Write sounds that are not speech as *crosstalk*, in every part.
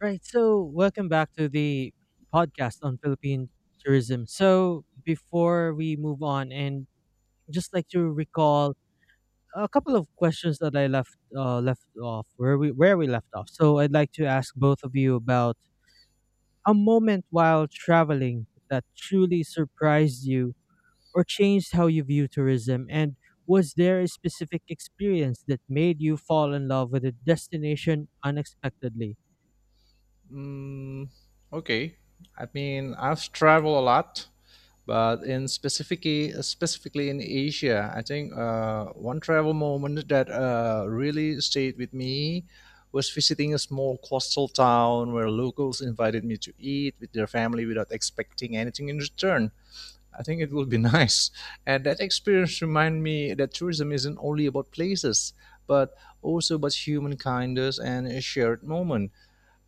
Right. So, welcome back to the podcast on Philippine tourism. So, before we move on, and just like to recall a couple of questions that I left off where we left off. So, I'd like to ask both of you about a moment while traveling that truly surprised you or changed how you view tourism, and was there a specific experience that made you fall in love with a destination unexpectedly? Mm, okay. I mean, I've traveled a lot, but in specifically specifically in Asia, I think one travel moment that really stayed with me was visiting a small coastal town where locals invited me to eat with their family without expecting anything in return. I think it would be *laughs* nice. And that experience reminded me that tourism isn't only about places, but also about human kindness and a shared moment.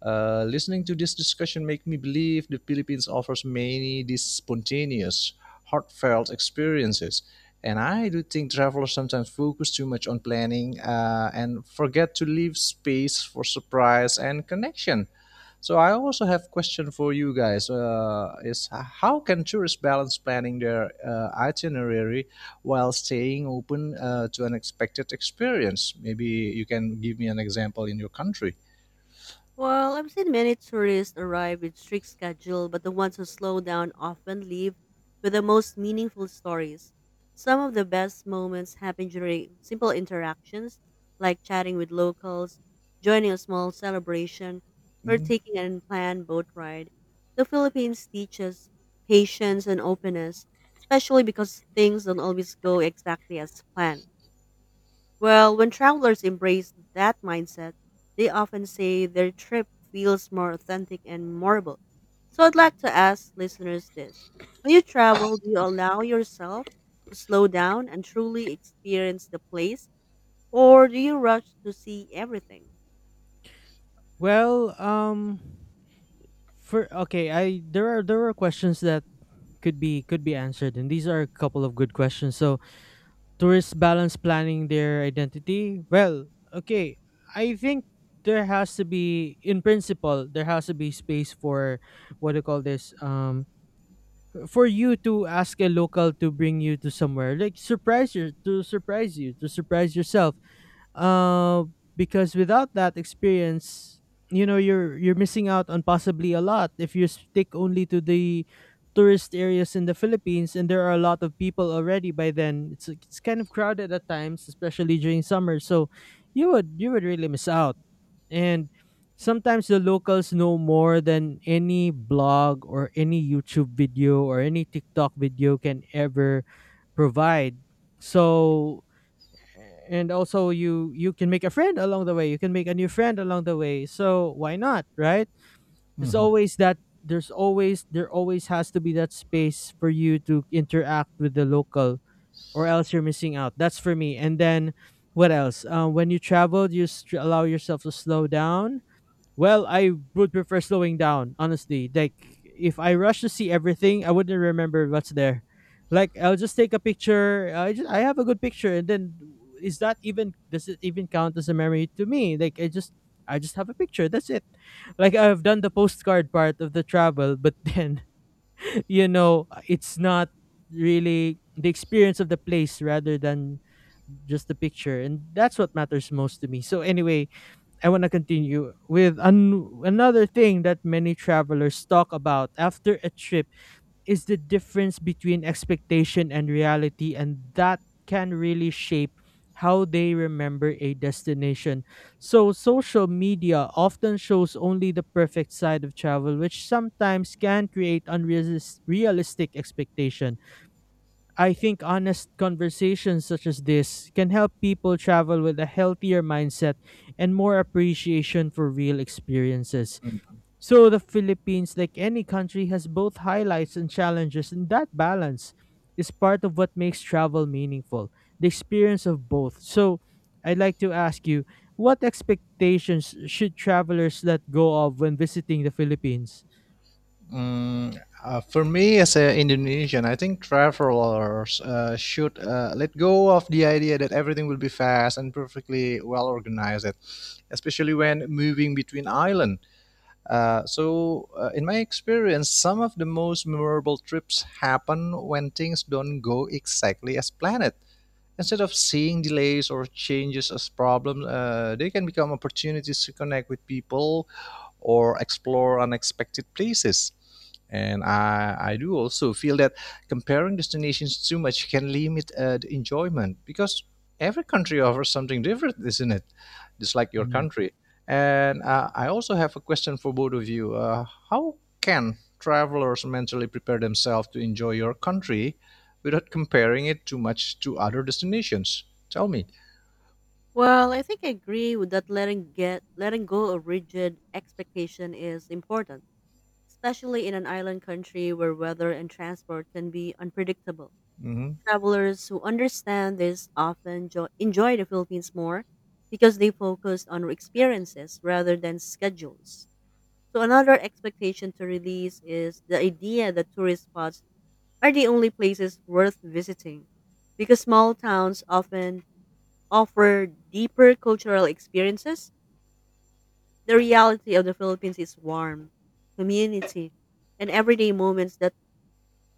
Listening to this discussion make me believe the Philippines offers many these spontaneous, heartfelt experiences. And I do think travelers sometimes focus too much on planning and forget to leave space for surprise and connection. So I also have question for you guys: Is how can tourists balance planning their itinerary while staying open to unexpected experience? Maybe you can give me an example in your country. Well, I've seen many tourists arrive with strict schedule, but the ones who slow down often leave with the most meaningful stories. Some of the best moments happen during simple interactions, like chatting with locals, joining a small celebration, or Mm. taking an unplanned boat ride. The Philippines teaches patience and openness, especially because things don't always go exactly as planned. Well, when travelers embrace that mindset, they often say their trip feels more authentic and memorable. So I'd like to ask listeners this. When you travel, do you allow yourself to slow down and truly experience the place, or do you rush to see everything? Well, For okay, I there are questions that could be answered, and these are a couple of good questions. So tourists balance planning their identity. Well, okay, I think there has to be, in principle, there has to be space for what do you call this for you to ask a local to bring you to somewhere like surprise yourself, uh, because without that experience, you know, you're missing out on possibly a lot if you stick only to the tourist areas in the Philippines, and there are a lot of people already by then. It's kind of crowded at times, especially during summer. So you would really miss out. And sometimes the locals know more than any blog or any YouTube video or any TikTok video can ever provide. So and also you can make a friend along the way. You can make a new friend along the way, so why not, right? There's Mhm. always that, there's always, there always has to be that space for you to interact with the local, or else you're missing out. That's for me. And then what else, when you travel, you allow yourself to slow down. Well, I would prefer slowing down, honestly. Like, if I rush to see everything, I wouldn't remember what's there. Like, I'll just take a picture. I just, I have a good picture, and then is that even, does it even count as a memory to me? Like, I just, I just have a picture. That's it. Like, I've done the postcard part of the travel, but then *laughs* you know, it's not really the experience of the place rather than just the picture, and that's what matters most to me. So anyway, I want to continue with another thing that many travelers talk about after a trip is the difference between expectation and reality, and that can really shape how they remember a destination. So, social media often shows only the perfect side of travel, which sometimes can create unrealistic expectation. I think honest conversations such as this can help people travel with a healthier mindset and more appreciation for real experiences. Mm. So the Philippines, like any country, has both highlights and challenges, and that balance is part of what makes travel meaningful, the experience of both. So I'd like to ask you, what expectations should travelers let go of when visiting the Philippines? Mm, for me, as an Indonesian, I think travelers should let go of the idea that everything will be fast and perfectly well organized, especially when moving between islands. In my experience, some of the most memorable trips happen when things don't go exactly as planned. Instead of seeing delays or changes as problems, they can become opportunities to connect with people or explore unexpected places. And I do also feel that comparing destinations too much can limit the enjoyment because every country *laughs* offers something different, isn't it? Just like your Mhm. country. And I also have a question for both of you. How can travelers mentally prepare themselves to enjoy your country without comparing it too much to other destinations? Tell me. Well, I think I agree with that letting go of rigid expectation is important, especially in an island country where weather and transport can be unpredictable. Mm-hmm. Travelers who understand this often enjoy the Philippines more because they focus on experiences rather than schedules. So, another expectation to release is the idea that tourist spots are the only places worth visiting because small towns often offer deeper cultural experiences. The reality of the Philippines is warm, community, and everyday moments that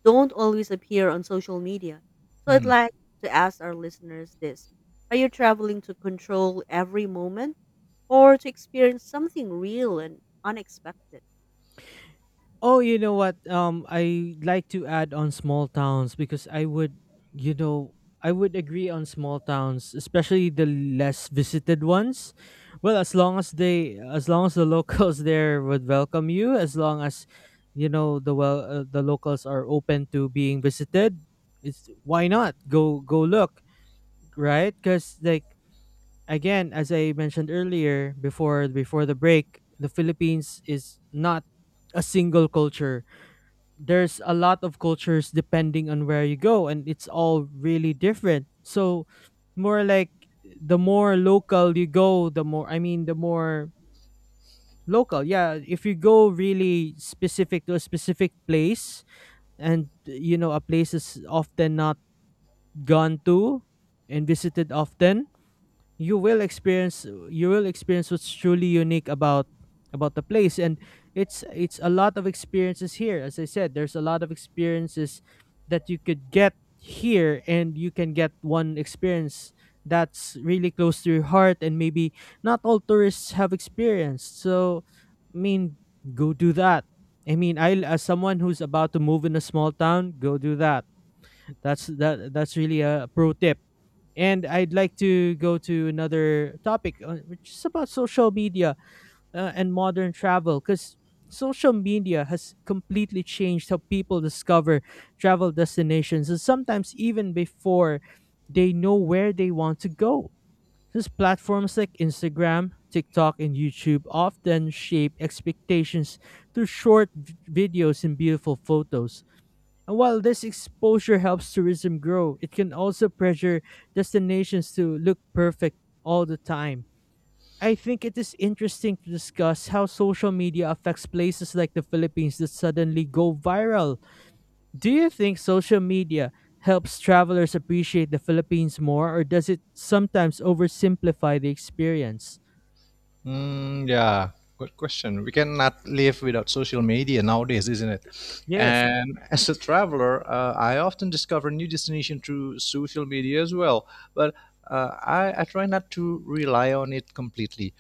don't always appear on social media. So I'd Mm, like to ask our listeners this. Are you traveling to control every moment or to experience something real and unexpected? Oh, you know what? I like to add on small towns because I would, you know, I would agree on small towns, especially the less visited ones. Well, as long as they, as long as the *laughs* locals there would welcome you, as long as, you know, the well, the locals are open to being visited, it's why not go go look, right? Because like again, as I mentioned earlier, before the break, the Philippines is not a single culture. There's a lot of cultures depending on where you go, and it's all really different. So more like, the more local you go, the more, I mean, the more local, yeah. If you go really specific to a specific place, and you know a place is often not gone to and visited often, you will experience what's truly unique about the place. And it's a lot of experiences here. As I said, there's a lot of experiences that you could get here, and you can get one experience that's really close to your heart and maybe not all tourists have experienced. So I mean, go do that. I mean, I, as someone who's about to move in a small town, go do that. That's really a pro tip. And I'd like to go to another topic, which is about social media and modern travel, because social media has completely changed how people discover travel destinations, and sometimes even before they know where they want to go. These platforms like Instagram, TikTok, and YouTube often shape expectations through short videos and beautiful photos. And while this exposure helps tourism grow, it can also pressure destinations to look perfect all the time. I think it is interesting to discuss how social media affects places like the Philippines that suddenly go viral. Do you think social media helps travelers appreciate the Philippines more, or does it sometimes oversimplify the experience? Yeah, good question. We cannot live without social media nowadays, isn't it? Yes. And as a traveler, I often discover new destination through social media as well. But I try not to rely on it completely.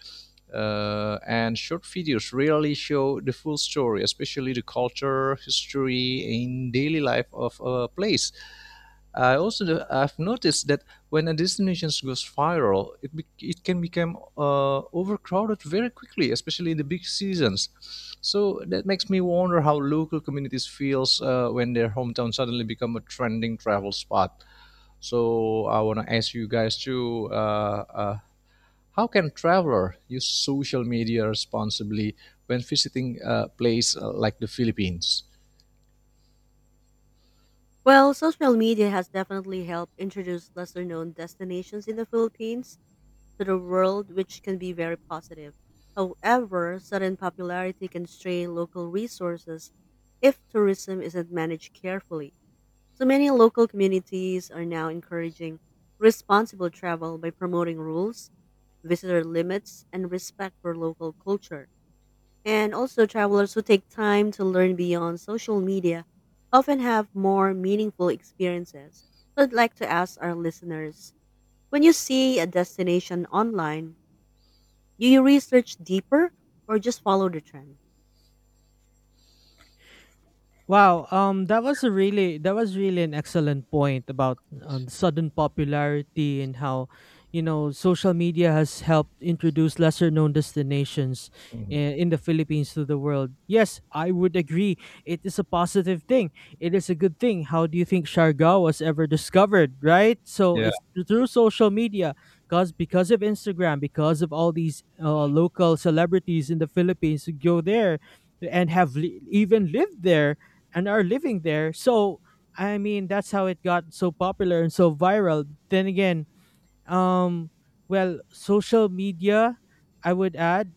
Uh, and short videos rarely show the full story, especially the culture, history, and daily life of a place. I also I've noticed that when a destination goes viral, it can become overcrowded very quickly, especially in the big seasons. So that makes me wonder how local communities feels when their hometown suddenly become a trending travel spot. So I want to ask you guys too. How can traveler use social media responsibly when visiting a place like the Philippines? Well, social media has definitely helped introduce lesser known destinations in the Philippines to the world, which can be very positive. However, sudden popularity can strain local resources if tourism isn't managed carefully. So many local communities are now encouraging responsible travel by promoting rules, visitor limits, and respect for local culture. And also, travelers who take time to learn beyond social media often have more meaningful experiences. So, I'd like to ask our listeners, when you see a destination online, do you research deeper or just follow the trend? Wow, that was a really, that was really an excellent point about sudden popularity and how, social media has helped introduce lesser known destinations Mhm. in the Philippines to the world. Yes, I would agree. It is a positive thing. It is a good thing. How do you think Siargao was ever discovered, right? So Yeah. it's through social media, cause because of Instagram, because of all these local celebrities in the Philippines who go there and have even lived there and are living there. So I mean, that's how it got so popular and so viral. Then again, um well, social media, I would add,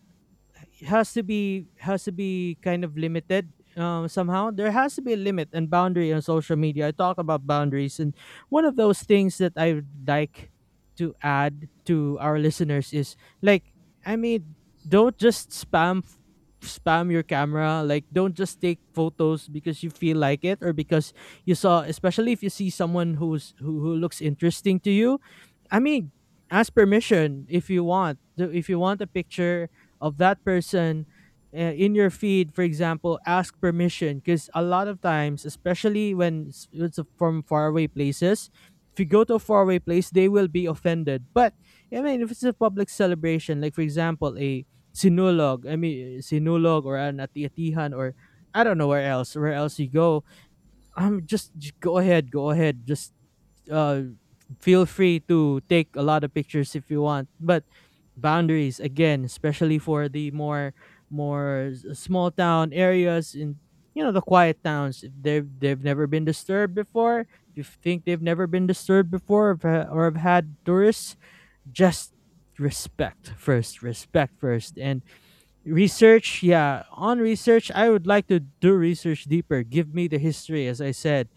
has to be kind of limited. Somehow, there has to be a limit and boundary on social media. I talk about boundaries, and one of those things that I would like to add to our listeners is, like, I mean, don't just spam f- spam your camera. Like, don't just take photos because you feel like it, or because you saw, especially if you see someone who looks interesting to you. I mean, ask permission if you want. If you want a picture of that person in your feed, for example, ask permission, because a lot of times, especially when it's from faraway places, if you go to a faraway place, they will be offended. But I mean, if it's a public celebration, like, for example, a sinulog, I mean, sinulog or an atiatihan, or I don't know where else, you go, just go ahead, go ahead just uh, feel free to take a lot of pictures if you want. But boundaries again, especially for the more, small town areas in, you know, the quiet towns. If they've never been disturbed before, if you think they've never been disturbed before, or have, or have had tourists, just respect first, respect first. And research, yeah, on research, I would like to do research deeper. Give me the history. As I said,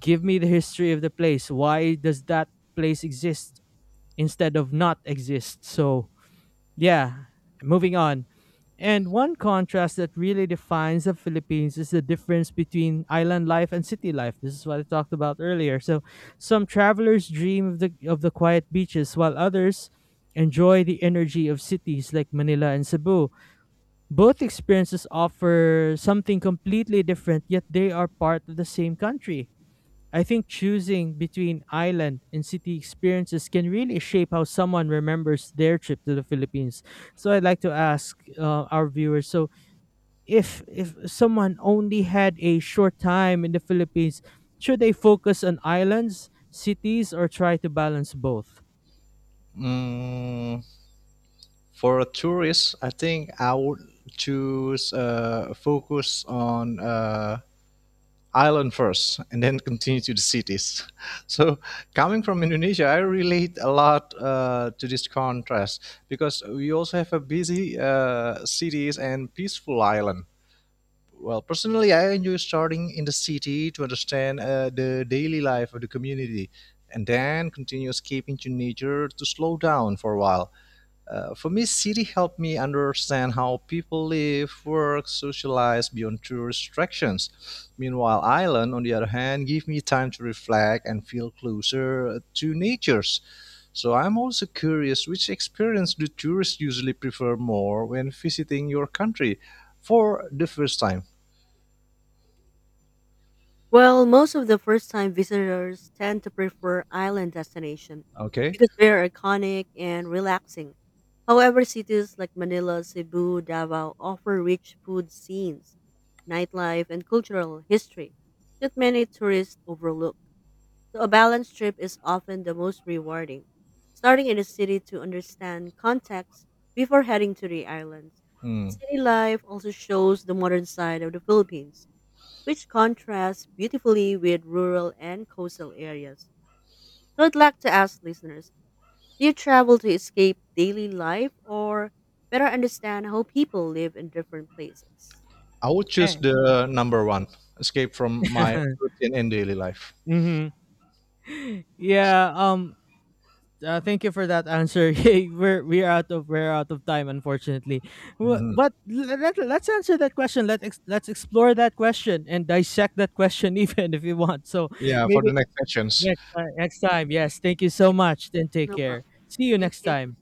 give me the history of the place. Why does that place exist instead of not exist? So yeah, moving on, and one contrast that really defines the Philippines is the difference between island life and city life. This is what I talked about earlier. So some travelers dream of the quiet beaches while others enjoy the energy of cities like Manila and Cebu. Both experiences offer something completely different, yet they are part of the same country. I think choosing between island and city experiences can really shape how someone remembers their trip to the Philippines. So I'd like to ask our viewers: so if someone only had a short time in the Philippines, should they focus on islands, cities, or try to balance both? Mm, for a tourist, I think I would choose focus on island first and then continue to the cities. *laughs* So, coming from Indonesia, I relate a lot to this contrast because we also have a busy cities and peaceful island. Well, personally, I enjoy starting in the city to understand the daily life of the community and then continue escaping to nature to slow down for a while. For me, city helped me understand how people live, work, socialize beyond true restrictions. Meanwhile, island, on the other hand, give me time to reflect and feel closer to natures. So I'm also curious which experience do tourists usually prefer more when visiting your country for the first time? Well, most of the first time visitors tend to prefer island destinations Okay. because they're iconic and relaxing. However, cities like Manila, Cebu, Davao offer rich food scenes, nightlife, and cultural history that many tourists overlook. So, a balanced trip is often the most rewarding, starting in a city to understand context before heading to the islands. Hmm. City life also shows the modern side of the Philippines which contrasts beautifully with rural and coastal areas. So I'd like to ask listeners, do you travel to escape daily life or better understand how people live in different places? I would choose And the number one, escape from my *laughs* routine and daily life. hmm. Yeah. Thank you for that answer. *laughs* Hey, we're out of time, unfortunately. Mhm. But let's answer that question. Let's explore that question and dissect that question *laughs* even if you want. So Yeah, for maybe the next sessions. next time, next time. Yes, thank you so much. Then take No care. problem. See you Thank next you. time.